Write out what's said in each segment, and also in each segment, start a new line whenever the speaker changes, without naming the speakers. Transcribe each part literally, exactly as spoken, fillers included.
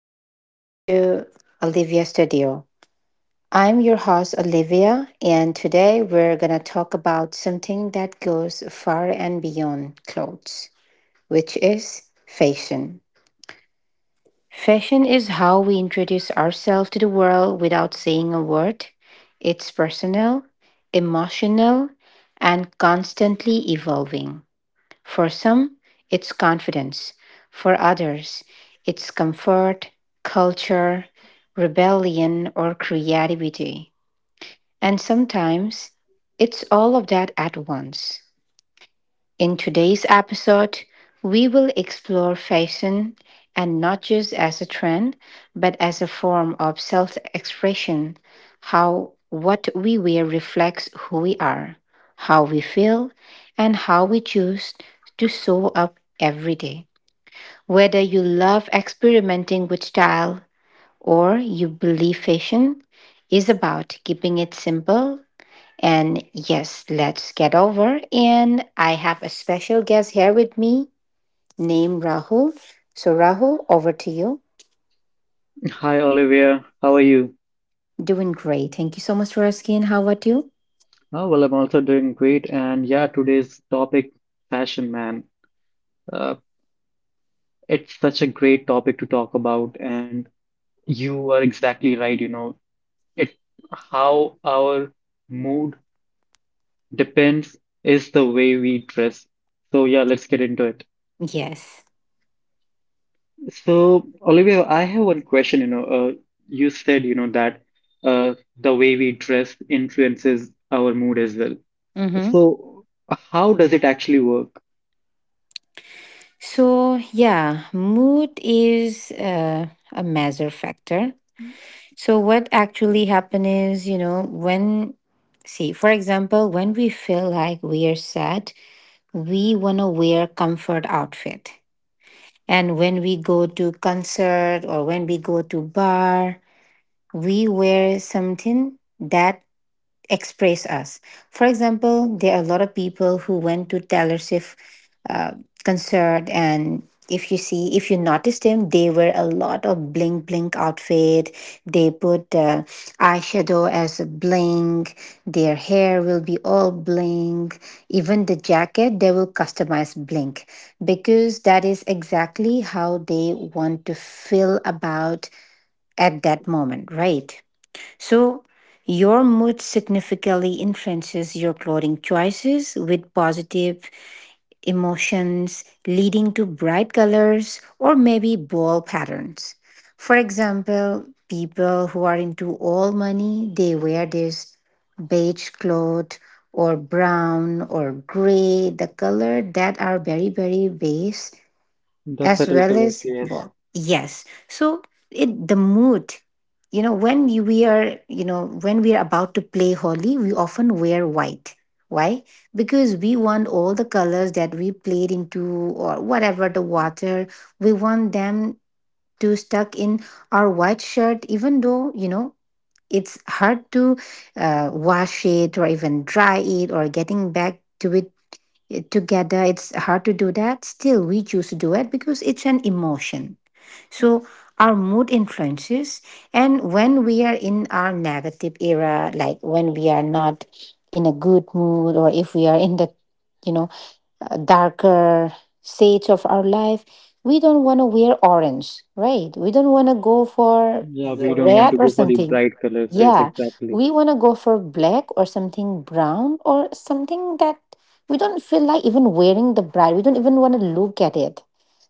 and welcome to Olivia Studio. I'm your host, Olivia, and today we're going to talk about something that goes far and beyond clothes, which is fashion. Fashion is how we introduce ourselves to the world without saying a word. It's personal, emotional, and constantly evolving. For some, it's confidence. For others, it's comfort, culture, rebellion, or creativity. And sometimes, it's all of that at once. In today's episode, we will explore fashion and not just as a trend, but as a form of self expression, how what we wear reflects who we are, how we feel, and how we choose to show up every day. Whether you love experimenting with style or you believe fashion is about keeping it simple and yes, let's get over. And I have a special guest here with me named Rahul. So, Rahul, over to you.
Hi Olivia, how are you?
Doing great. Thank you so much for asking. How about you?
Oh, well, I'm also doing great. And yeah, today's topic, fashion, man. Uh, it's such a great topic to talk about. And you are exactly right. You know, it how our mood depends is the way we dress. So yeah, let's get into it.
Yes.
So Olivia, I have one question. You know, uh, you said you know that uh, the way we dress influences our mood as well.
Mm-hmm.
So how does it actually work?
So, yeah, mood is uh, a measure factor. So, what actually happens is, you know, when, see, for example, when we feel like we are sad, we want to wear comfort outfit. And when we go to concert or when we go to bar, we wear something that express us. For example, there are a lot of people who went to Taylor Swift uh, concert, and if you see, if you noticed them, they wear a lot of blink blink outfit. They put uh, eyeshadow as a blink. Their hair will be all blink. Even the jacket, they will customize blink because that is exactly how they want to feel about at that moment, right? So, your mood significantly influences your clothing choices with positive emotions, leading to bright colors or maybe bold patterns. For example, people who are into all money, they wear this beige cloth or brown or gray, the color that are very, very base
The
as
subtle
well
colors,
as
yes.
work. Yes. So it the mood, you know, when you- we are, you know, when we are about to play Holi, we often wear white. Why? Because we want all the colors that we played into or whatever the water, we want them to stuck in our white shirt, even though, you know, it's hard to uh, wash it or even dry it or getting back to it together, it's hard to do that, still we choose to do it because it's an emotion. So our mood influences, and when we are in our negative era, like when we are not in a good mood, or if we are in the, you know, uh, darker states of our life, we don't want to wear orange, right? We don't want to go for,
Yeah,
yeah,
we don't want
red
to
or
go for the
something.
bright colors. Yes,
Yeah,
exactly.
we want to go for black or something brown or something that we don't feel like even wearing the bride. We don't even want to look at it.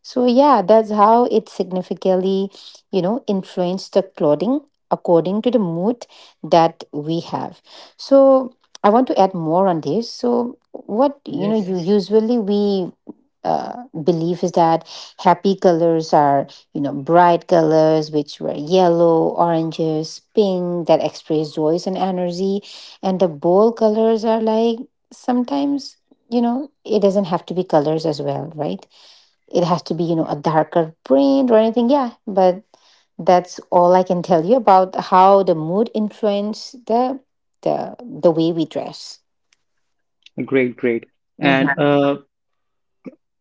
So yeah, that's how it significantly, you know, influenced the clothing according to the mood that we have. So I want to add more on this. So, what you know,
Yes,
you usually we uh, believe is that happy colors are, you know, bright colors, which were yellow, oranges, pink, that express joy and energy, and the bold colors are like sometimes, you know, it doesn't have to be colors as well, right? It has to be, you know, a darker print or anything, yeah. But that's all I can tell you about how the mood influence the the the way we dress.
great, great.
Mhm.
And uh,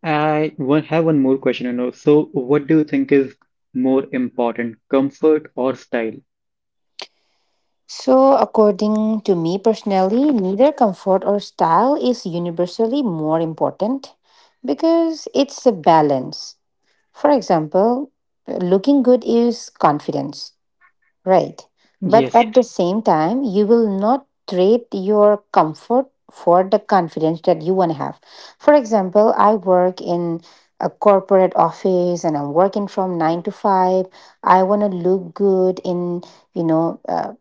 I one, have one more question, you know. So, what do you think is more important, comfort or style?
So, according to me personally, neither comfort or style is universally more important because it's a balance. For example, looking good is confidence, right? But
Yes,
at the same time, you will not trade your comfort for the confidence that you want to have. For example, I work in a corporate office and I'm working from nine to five. I want to look good in, you know, uh,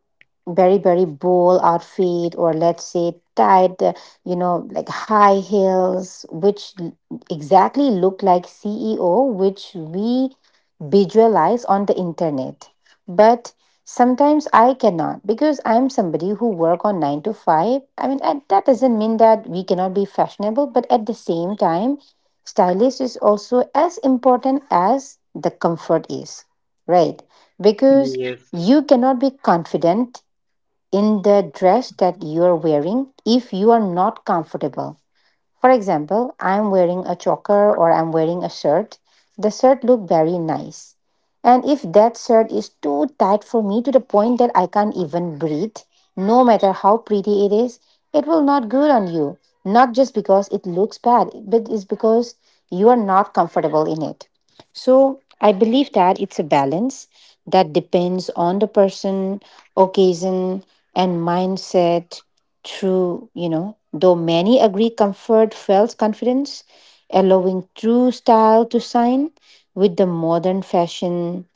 very very bold outfit, or let's say tight uh, you know, like high heels, which l- exactly look like ceo which we visualize on the internet. But sometimes I cannot because I'm somebody who work on nine to five, I mean, and that doesn't mean that we cannot be fashionable, but at the same time stylish is also as important as the comfort is, right? Because
yes,
you cannot be confident in the dress that you are wearing if you are not comfortable. For example, I'm wearing a choker or I'm wearing a shirt. The shirt look very nice. And if that shirt is too tight for me to the point that I can't even breathe, no matter how pretty it is, it will not good on you. Not just because it looks bad, but it's because you are not comfortable in it. So I believe that it's a balance that depends on the person, occasion, and mindset. True, you know, though many agree comfort felt confidence, allowing true style to shine with the modern fashion.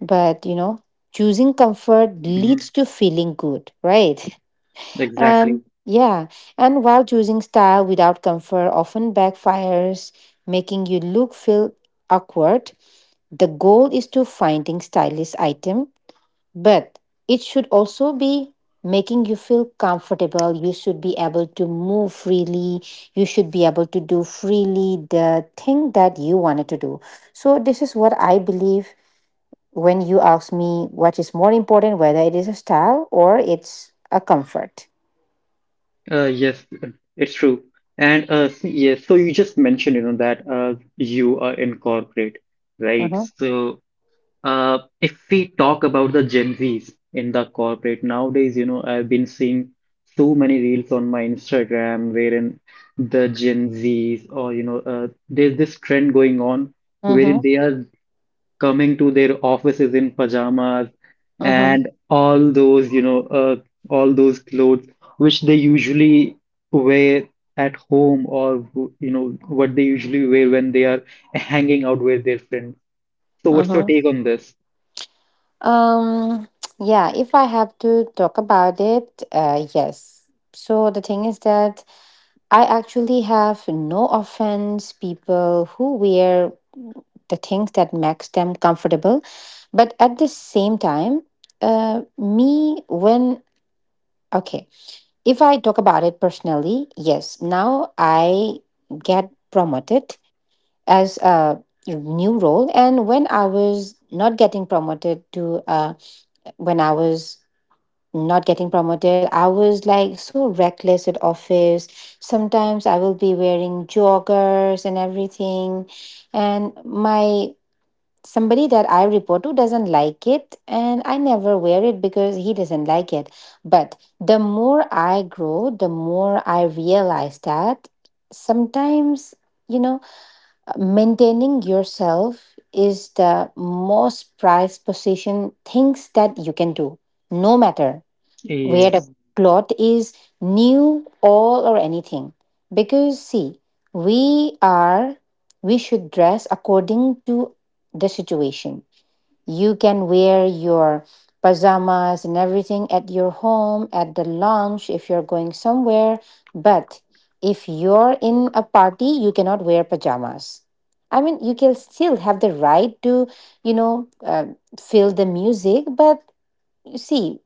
But, you know, choosing comfort
hmm,
leads to feeling good, right?
exactly.
And yeah, and while choosing style without comfort often backfires, making you look feel awkward. The goal is to finding stylish item, but it should also be making you feel comfortable. You should be able to move freely, you should be able to do freely the thing that you wanted to do. So this is what I believe when you ask me what is more important, whether it is a style or it's a comfort.
Uh, yes, uh, it's true. And uh, s- yes, so you just mentioned, you know, that uh, you are in corporate, right?
Mm-hmm.
So Uh, if we talk about the Gen Zs in the corporate nowadays, you know, I've been seeing so many reels on my Instagram wherein the Gen Zs or you know, uh, there's this trend going on wherein
Mm-hmm.
they are coming to their offices in pajamas
Mm-hmm.
and all those, you know, uh, all those clothes which they usually wear at home or you know what they usually wear when they are hanging out with their friends. So, what's your
Mm-hmm.
take on this?
um yeah, if I have to talk about it, uh yes, so the thing is that I actually have no offense people who wear the things that makes them comfortable, but at the same time, uh, me when okay, if I talk about it personally, yes, now I get promoted as a new role, and when I was not getting promoted to uh, when I was not getting promoted. I was like so reckless at office. Sometimes I will be wearing joggers and everything. And my somebody that I report to doesn't like it and I never wear it because he doesn't like it. But the more I grow, the more I realize that sometimes, you know, maintaining yourself is the most prized position things that you can do, no matter where the
Yes,
plot is new all or anything. Because see, we are, we should dress according to the situation. You can wear your pajamas and everything at your home, at the lounge, if you're going somewhere. But if you're in a party you cannot wear pajamas. I mean, you can still have the right to, you know, uh, feel the music, but you see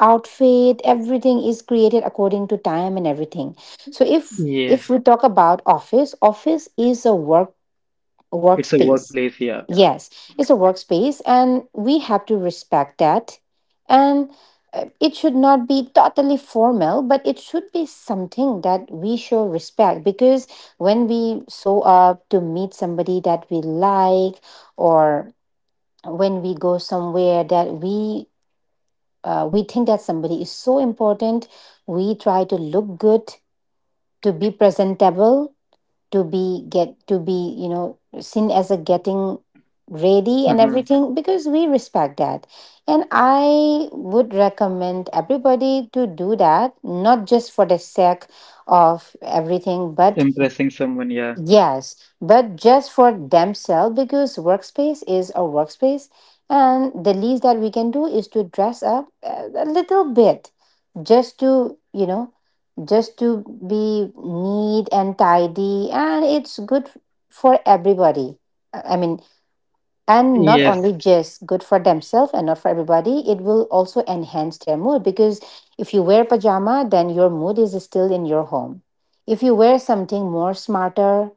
outfit everything is created according to time and everything. So if if
yes,
we talk about office, office is a work
it's a
workspace.
workplace, yeah.
Yes, it's a workspace and we have to respect that. And uh, it should not be totally formal, but it should be something that we show respect, because when we show up to meet somebody that we like, or when we go somewhere that we, uh, we think that somebody is so important, we try to look good, to be presentable, to be get to be you know, seen as a getting ready
Uh
and
huh.
everything because we respect that. And I would recommend everybody to do that, not just for the sake of everything, but
Impressing someone, yeah.
yes, but just for themselves, because workspace is a workspace, and the least that we can do is to dress up uh, a little bit, just to, you know, just to be neat and tidy, and it's good for everybody. Uh, I mean, and not
Yes,
only just good for themselves and not for everybody, it will also enhance their mood, because if you wear pajama then your mood is still in your home. If you wear something more smarter,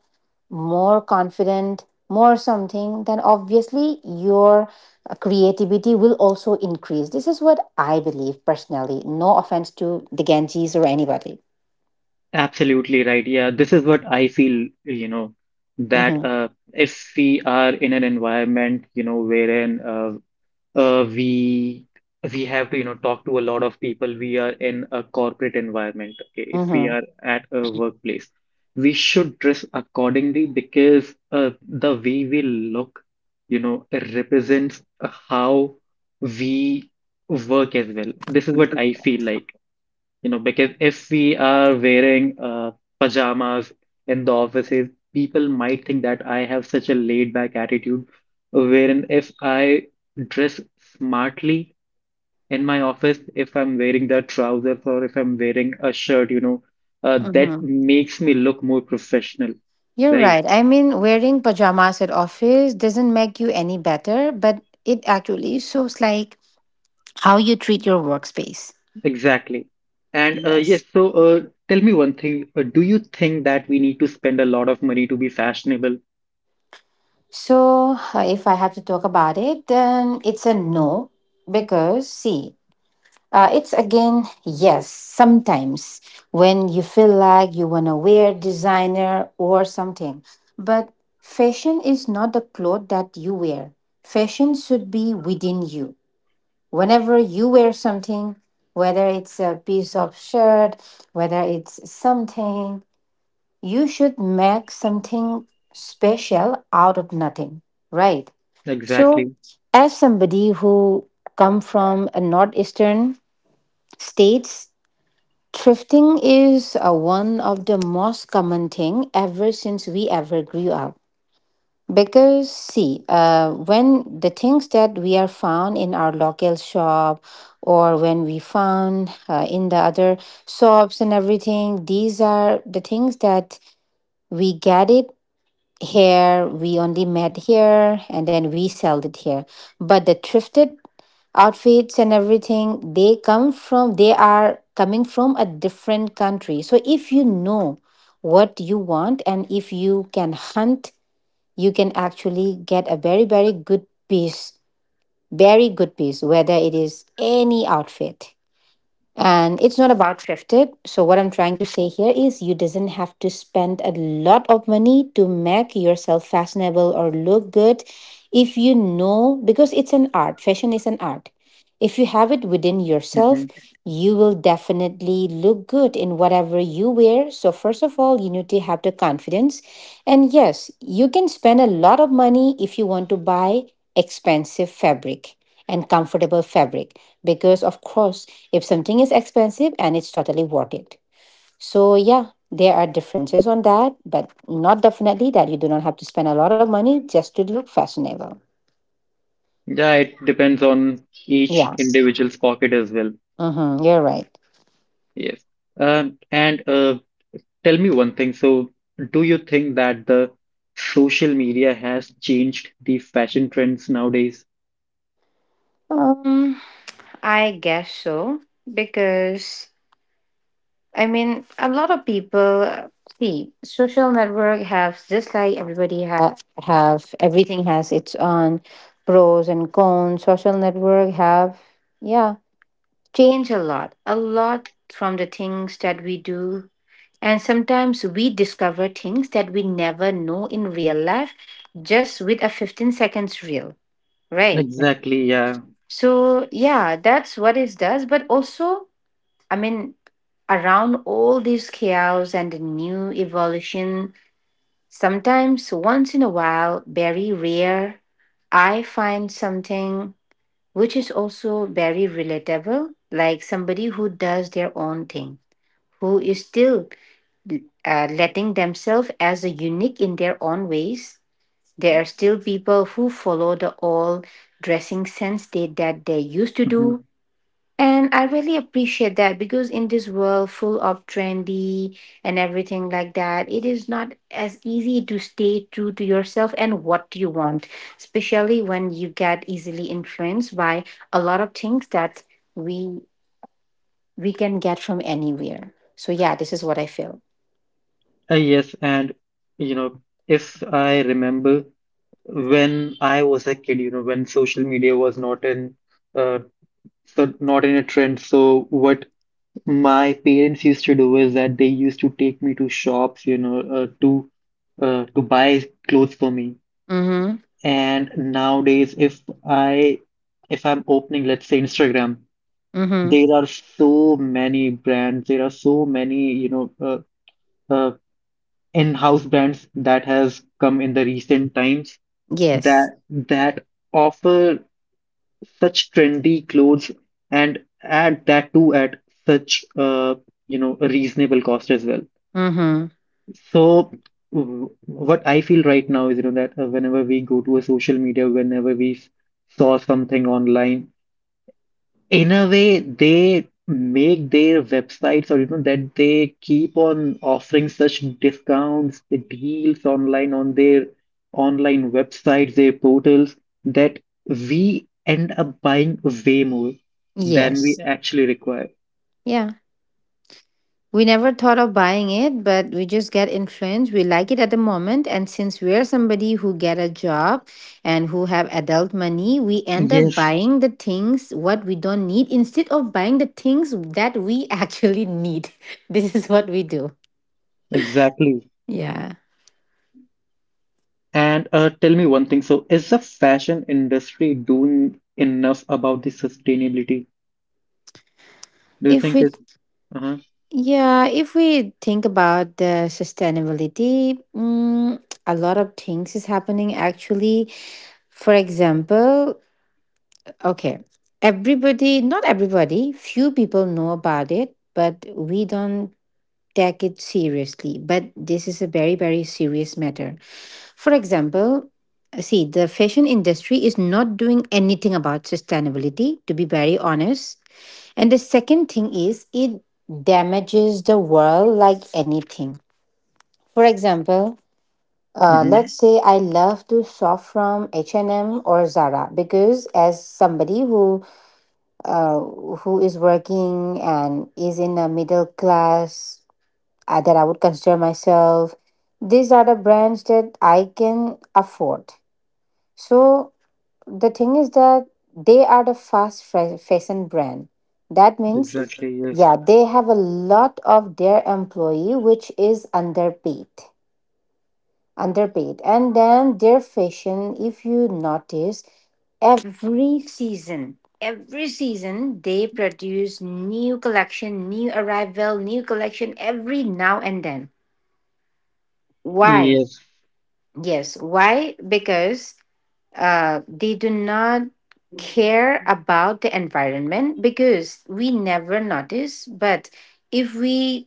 more confident, more something, then obviously your uh, creativity will also increase. This is what I believe personally. No offense to the Ganges or anybody.
absolutely right. Yeah, this is what I feel, you know,
Mm-hmm.
that uh, if we are in an environment, you know, wherein uh, uh, we we have to, you know, talk to a lot of people. We are in a corporate environment. Okay, if we
Mm-hmm.
are at a workplace, we should dress accordingly, because uh, the way we look, you know, represents how we work as well. This is what I feel like, you know, because if we are wearing uh, pajamas in the offices, people might think that I have such a laid back attitude. Wherein if I dress smartly in my office, if I'm wearing the trousers or if I'm wearing a shirt, you know, uh, that
Mm-hmm.
makes me look more professional,
You're
right?
right. I mean, wearing pajamas at office doesn't make you any better, but it actually shows like how you treat your workspace.
Exactly. And uh, yes,
Yes.
so uh, tell me one thing. Uh, do you think that we need to spend a lot of money to be fashionable?
So, uh, if I have to talk about it, then it's a no, because see, Uh, it's again, yes, sometimes when you feel like you want to wear designer or something. But fashion is not the clothes that you wear. Fashion should be within you. Whenever you wear something, whether it's a piece of shirt, whether it's something, you should make something special out of nothing, right? So,
Exactly.
as somebody who come from a northeastern states, thrifting is uh, one of the most common thing ever since we ever grew up. Because see, uh, when the things that we are found in our local shop, or when we found uh, in the other shops and everything, these are the things that we get it here, we only met here, and then we sell it here. But the thrifted outfits and everything they come from, they are coming from a different country. So if you know what you want, and if you can hunt, you can actually get a very very good piece, very good piece, whether it is any outfit. And it's not about thrifted. So what I'm trying to say here is you doesn't have to spend a lot of money to make yourself fashionable or look good, if you know, because it's an art. Fashion is an art. If you have it within
Mm-hmm.
yourself, you will definitely look good in whatever you wear. So first of all, you need to have the confidence. And yes, you can spend a lot of money if you want to buy expensive fabric and comfortable fabric, because of course, if something is expensive and it's totally worth it. So yeah, there are differences on that, but not definitely that you do not have to spend a lot of money just to look fashionable.
Yeah, it depends on each
Yeah,
individual's pocket as well.
mm-hmm, you're right.
Yes. Um, and uh, tell me one thing. So, do you think that the social media has changed the fashion trends nowadays?
Um, I guess so, because I mean, a lot of people uh, see social network have, just like everybody ha- have, everything has its own pros and cons. Social network have, yeah, change a lot, a lot, from the things that we do. And sometimes we discover things that we never know in real life just with a fifteen seconds reel, right?
Exactly, yeah.
So, yeah, that's what it does. But also, I mean, around all this chaos and the new evolution, sometimes once in a while, very rare, I find something which is also very relatable, like somebody who does their own thing, who is still uh, letting themselves as a unique in their own ways. There are still people who follow the old dressing sense they, that they used to
Mhm.
do. And I really appreciate that, because in this world full of trendy and everything like that, it is not as easy to stay true to yourself and what you want, especially when you get easily influenced by a lot of things that we we can get from anywhere. So yeah, this is what I feel.
Uh, yes, and you know, if I remember when I was a kid, you know, when social media was not in uh, so not in a trend, so what my parents used to do is that they used to take me to shops, you know, uh, to uh, to buy clothes for me.
Mm-hmm.
And nowadays, if I if I'm opening, let's say Instagram,
Mm-hmm.
there are so many brands. There are so many, you know, uh, uh, in-house brands that has come in the recent times
Yes.
that that offer such trendy clothes, and add that too at such uh, you know, a reasonable cost as well.
Mm-hmm.
So, w- what I feel right now is, you know, that uh, whenever we go to a social media, whenever we s- saw something online, in a way, they make their websites, or, you know, that they keep on offering such discounts, the deals online on their online websites, their portals, that we end up buying way more than we
Yes.
actually require.
Yeah. We never thought of buying it, but we just get influenced. We like it at the moment. And since we're somebody who get a job and who have adult money, we end up
Yes,
buying the things what we don't need instead of buying the things that we actually need. This is what we do.
exactly.
Yeah.
And uh, tell me one thing. So, is the fashion industry doing enough about the sustainability? Do you
If
think
we,
it's uh-huh.
yeah, if we think about the sustainability, mm, a lot of things is happening actually. For example, okay, everybody, not everybody, few people know about it, but we don't take it seriously. But this is a very, very serious matter. For example, see, the fashion industry is not doing anything about sustainability, to be very honest. And the second thing is, it damages the world like anything. For example, uh,
Hmm.
let's say I love to shop from H and M or Zara, because as somebody who uh, who is working and is in a middle class, uh, that I would consider myself, these are the brands that I can afford. So the thing is that they are the fast fa- fashion brand. That means,
Exactly, yes.
yeah, they have a lot of their employee which is underpaid, underpaid. And then their fashion, if you notice, every season, every season, they produce new collection, new arrival, new collection every now and then. Why?
Yes,
Yes, why? Because uh, they do not care about the environment, because we never notice. But if we,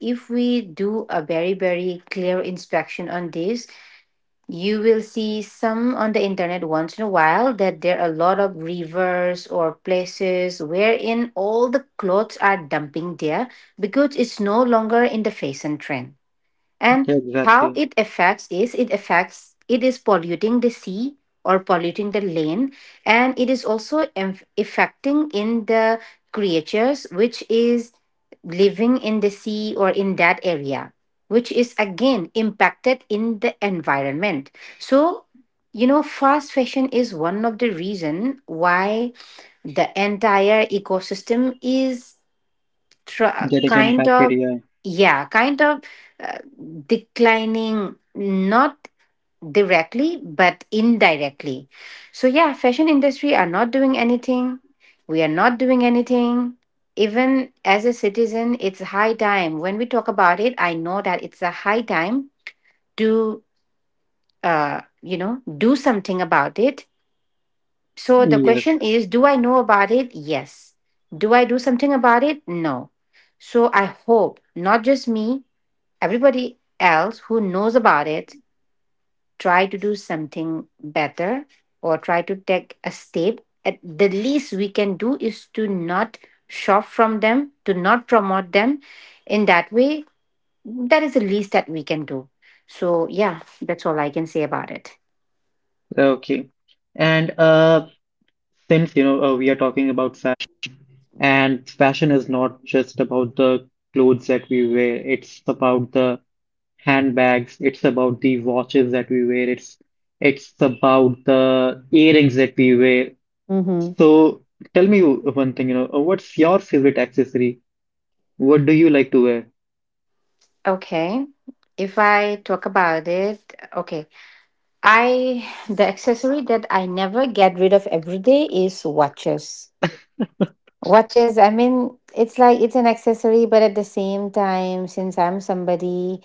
if we do a very very clear inspection on this, you will see some on the internet once in a while that there are a lot of rivers or places wherein all the clothes are dumping there, because it's no longer in the fashion trend. And how
exactly.
it affects is, it affects, it is polluting the sea or polluting the land, and it is also em- affecting in the creatures which is living in the sea or in that area, which is again impacted in the environment. So, you know, fast fashion is one of the reason why the entire ecosystem is tr-
Getting
kind
impacted,
of,
yeah.
yeah, kind of, uh, declining, not directly but indirectly. So yeah, fashion industry are not doing anything, we are not doing anything, even as a citizen. It's high time, when we talk about it, I know that it's a high time to, uh, you know do something about it. So the
Yes.
question is, do I know about it? Yes. Do I do something about it? No. So I hope not just me, everybody else who knows about it try to do something better, or try to take a step. At the least we can do is to not shop from them, to not promote them in that way. That is the least that we can do. So yeah, that's all I can say about it.
Okay. And uh since you know, uh, we are talking about fashion, and fashion is not just about the clothes that we wear. It's about the handbags, it's about the watches that we wear, it's it's about the earrings that we wear.
Mm-hmm.
So tell me one thing, you know, uh, what's your favorite accessory? What do you like to wear?
Okay. If I talk about it, okay. I, the accessory that I never get rid of every day is watches. Watches, I mean, it's like it's an accessory, but at the same time, since I'm somebody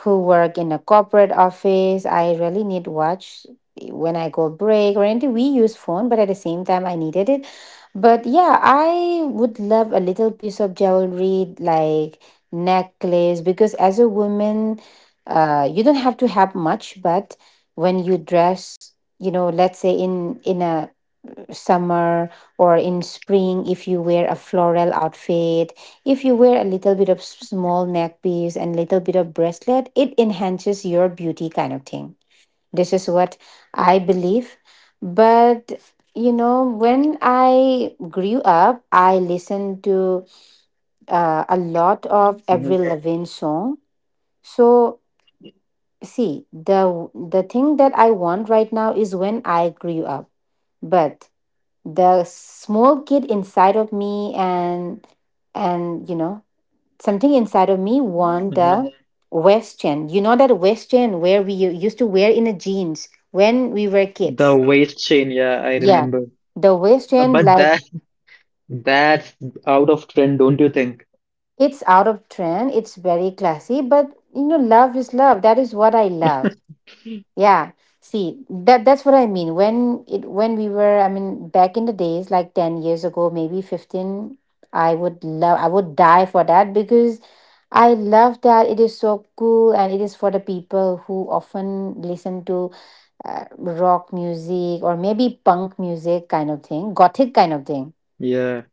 who work in a corporate office, I really need watch when I go break or anything. We use phone, but at the same time I needed it. But yeah, I would love a little piece of jewelry like necklace, because as a woman, uh, you don't have to have much, but when you dress, you know, let's say in in a summer or in spring, if you wear a floral outfit, if you wear a little bit of s- small neck piece and little bit of bracelet, it enhances your beauty kind of thing. This is what I believe. But, you know, when I grew up, I listened to uh, a lot of Avril
Hmm.
Lavigne song. So, see, the the thing that I want right now is when I grew up. But the small kid inside of me, and and you know, something inside of me want the
Hmm.
Western. You know, that Western where we u- used to wear in the jeans when we were
The
kids.
waist chain, yeah, I
Yeah,
remember.
the
Uh,
Western,
but
like,
that That's out of trend, don't you think?
it's out of trend. It's very classy, but you know, love is love. That is what I love. Yeah, see, that that's what I mean. When it, when we were, I mean, back in the days, like ten years ago, maybe fifteen, I would love, I would die for that, because I love that, it is so cool, and it is for the people who often listen to uh, rock music, or maybe punk music kind of thing, gothic kind of thing.
Yeah.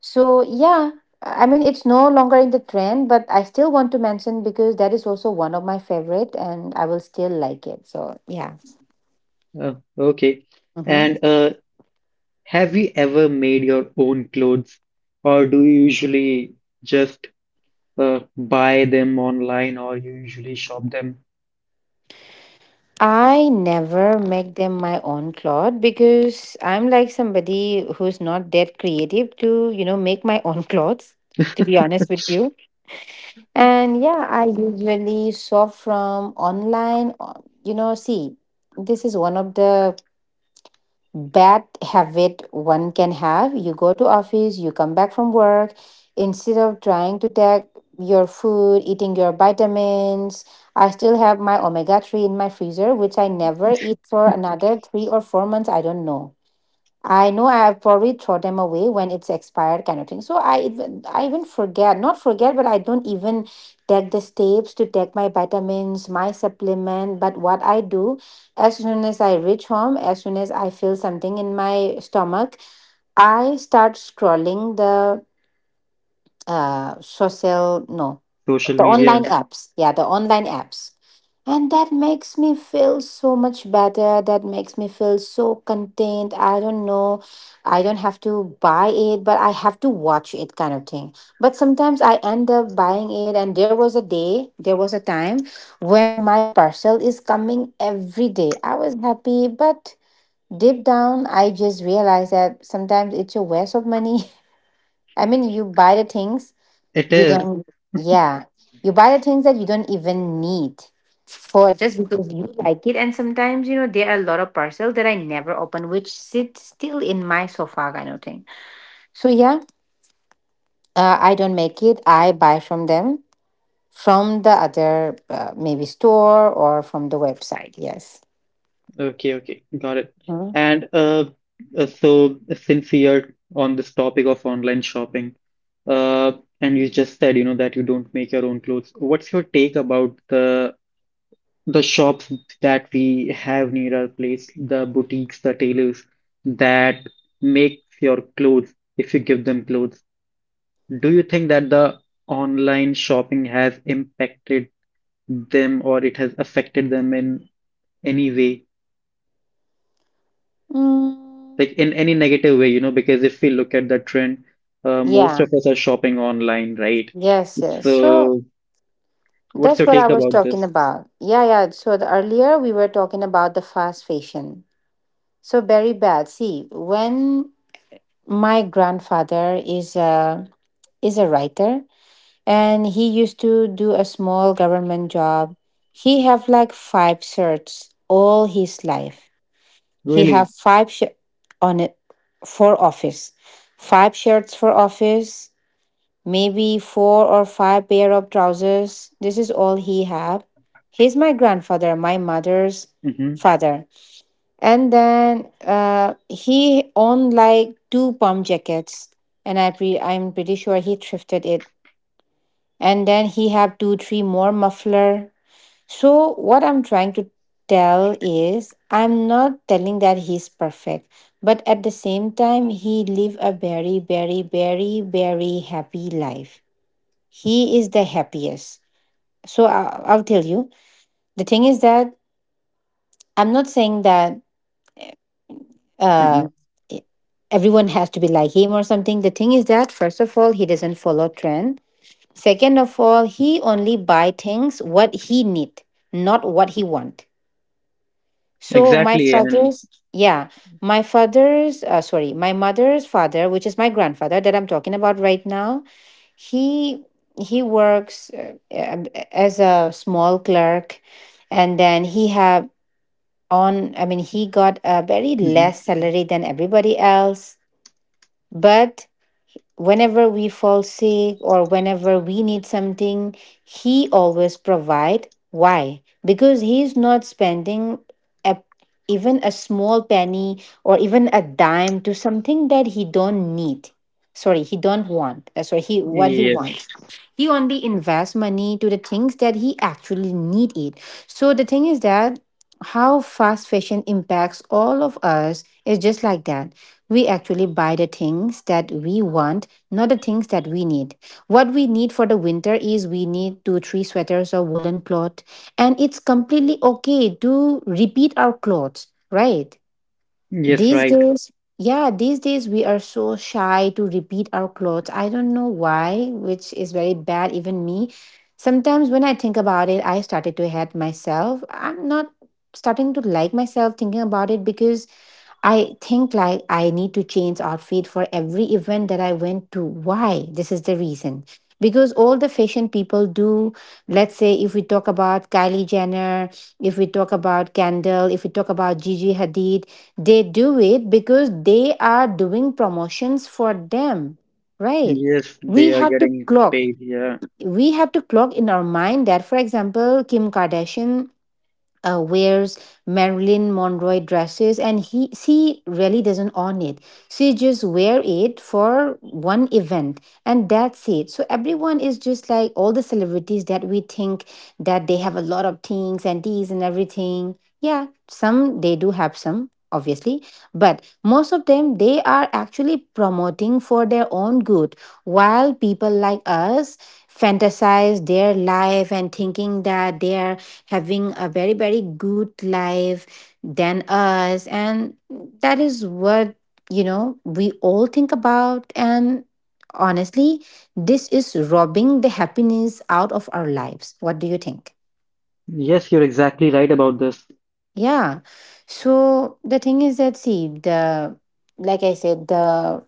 So, yeah, I mean, it's no longer in the trend, but I still want to mention, because that is also one of my favorite and I will still like it. So, yeah.
Oh, okay.
Hmm.
And uh, have you ever made your own clothes, or do you usually just uh, buy them online, or you usually shop them
I never make them my own cloth, because I'm like somebody who's not that creative to, you know, make my own clothes, to be honest with you. And yeah, I usually shop from online. Or- You know, see, this is one of the bad habit one can have. You go to office, you come back from work, instead of trying to take your food, eating your vitamins. I still have my omega three in my freezer, which I never eat for another three or four months. I don't know. I know I have probably throw them away when it's expired kind of thing. So I even, I even forget, not forget, but I don't even take the steps to take my vitamins, my supplement. But what I do, as soon as I reach home, as soon as I feel something in my stomach, I start scrolling the uh social no
social
the
media?
online apps, yeah, the online apps. And that makes me feel so much better, that makes me feel so contained, I don't know. I don't have to buy it, but I have to watch it kind of thing. But sometimes I end up buying it. And there was a day, there was a time when my parcel is coming every day, I was happy, but deep down I just realized that sometimes it's a waste of money. I mean, you buy the things
It
you
is.
don't, yeah. You buy the things that you don't even need, for just because you like it. And sometimes, you know, there are a lot of parcels that I never open, which sit still in my sofa kind of thing. So, yeah, uh, I don't make it. I buy from them, from the other uh, maybe store or from the website. Yes.
Okay, okay, got it.
Mhm.
And uh, uh, so since we are on this topic of online shopping, uh, and you just said, you know, that you don't make your own clothes, what's your take about the the shops that we have near our place, the boutiques, the tailors that make your clothes, if you give them clothes? Do you think that the online shopping has impacted them, or it has affected them in any way?
Mm,
Like in any negative way, you know, because if we look at the trend, uh, most
yeah.
of us are shopping online, right?
Yes, yes. So,
So, what's
that's
your
what I
take
was
about
talking
this?
about. Yeah, yeah. So, the, earlier we were talking about the fast fashion. So very bad. See, when my grandfather is a, is a writer, and he used to do a small government job. He have like five shirts all his life. He have
Really?
five shirts on it for office. Five shirts for office, maybe four or five pair of trousers. This is all he have. He's my grandfather, my mother's
Mm-hmm.
father. And then uh, he owned like two pump jackets, and I pre- I'm pretty sure he thrifted it. And then he had two, three more muffler. So what I'm trying to tell is, I'm not telling that he's perfect, but at the same time, he live a very, very, very, very happy life. He is the happiest. So I- I'll tell you. The thing is that I'm not saying that
Mm-hmm.
uh, e- everyone has to be like him or something. The thing is that, first of all, he doesn't follow trend. Second of all, he only buy things what he need, not what he want. So, my
Exactly. And
father's, yeah, my father's, uh, sorry, my mother's father, which is my grandfather that I'm talking about right now. He he works uh, um, as a small clerk, and then he have on I mean, he got a very
hmm.
less salary than everybody else. But whenever we fall sick or whenever we need something, he always provide. Why? Because he is not spending a, even a small penny or even a dime to something that he don't need. Sorry, he don't want. Uh, sorry, he what he
Yes.
wants. He only invests money to the things that he actually need it. So the thing is that how fast fashion impacts all of us is just like that. We actually buy the things that we want, not the things that we need. What we need for the winter is we need two, three sweaters or woolen cloth. And it's completely okay to repeat our clothes, right?
Yes,
These
right.
days, yeah, these days we are so shy to repeat our clothes. I don't know why, which is very bad, even me. Sometimes when I think about it, I started to hate myself. I'm not starting to like myself thinking about it, because I think like I need to change outfit for every event that I went to. Why? This is the reason. Because all the fashion people do, let's say if we talk about Kylie Jenner, if we talk about Kendall, if we talk about Gigi Hadid, they do it because they are doing promotions for them, right?
Yes, they
We
are
have to
getting
clock.
paid. Yeah.
We have to clock in our mind that, for example, Kim Kardashian uh, wears Marilyn Monroe dresses, and he she really doesn't own it. She just wear it for one event, and that's it. So everyone is just like all the celebrities that we think that they have a lot of things and these and everything. Yeah, some they do have some obviously, but most of them, they are actually promoting for their own good, while people like us fantasize their life and thinking that they are having a very, very good life than us. And that is what you know we all think about. And honestly, this is robbing the happiness out of our lives. What do you think?
Yes, you're exactly right about this.
Yeah. So the thing is that, see, the like I said, the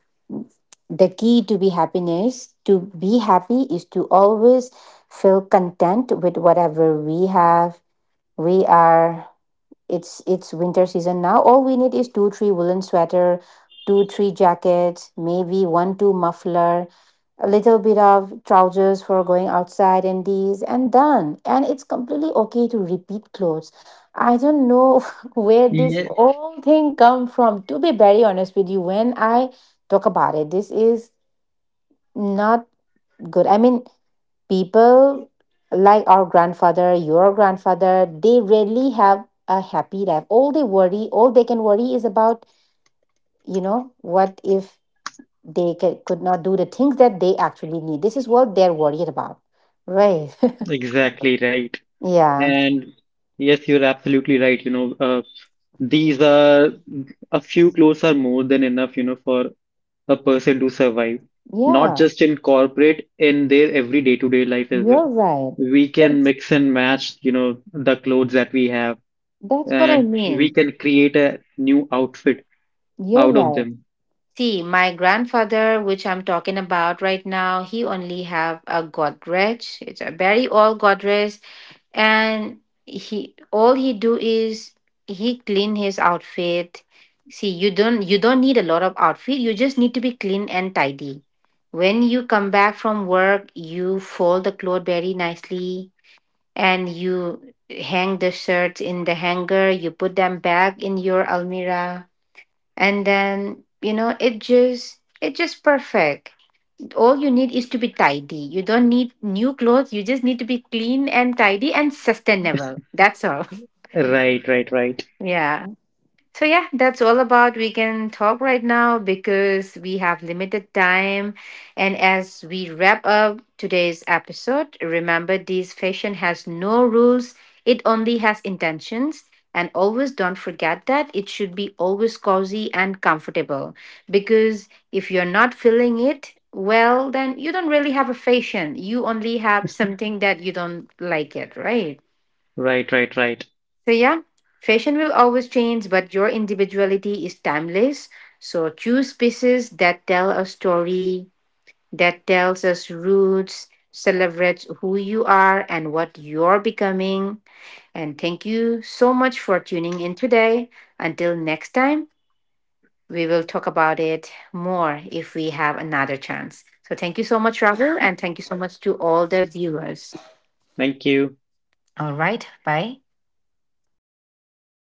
the key to be happiness to be happy is to always feel content with whatever we have. We are it's it's winter season now. All we need is two three woolen sweater, two three jackets, maybe one two muffler, a little bit of trousers for going outside, and these and done. And it's completely okay to repeat clothes. I don't know where this
Yeah,
whole thing come from, to be very honest with you. When I talk about it, this is not good. I mean, people like our grandfather, your grandfather, they rarely have a happy life. All they worry all they can worry is about, you know, what if they ca- could not do the things that they actually need. This is what they're worried about. Right.
exactly right.
Yeah.
And yes, you're absolutely right. You know, uh, these are, a few clothes are more than enough, you know, for a person to survive, not
Yeah.
just in corporate, in their every day-to-day life as well.
You're right.
We
So
can
it's-
mix and match, you know, the clothes that we have,
that's what I
and we
mean.
can create a new outfit
You're
out of
right.
them.
See, my grandfather, which I'm talking about right now, he only have a Godrej. It's a very old Godrej, and he all he do is he clean his outfit. See, you don't you don't need a lot of outfit. You just need to be clean and tidy. When you come back from work, you fold the cloth very nicely, and you hang the shirts in the hanger. You put them back in your almirah, and then, you know it just it just perfect. All you need is to be tidy. You don't need new clothes. You just need to be clean and tidy and sustainable. That's all.
Right, right, right,
Yeah. So, yeah, that's all about we can talk right now, because we have limited time. And as we wrap up today's episode, remember, this fashion has no rules, it only has intentions. And always don't forget that it should be always cozy and comfortable, because if you're not feeling it, well, then you don't really have a fashion. You only have something that you don't like it, right?
right, right, right.
So, yeah, fashion will always change, but your individuality is timeless. So, choose pieces that tell a story, that tells us roots, celebrates who you are and what you're becoming. And thank you so much for tuning in today. Until next time, we will talk about it more if we have another chance. So, thank you so much, Rahul, and thank you so much to all the viewers.
Thank you.
All right, bye.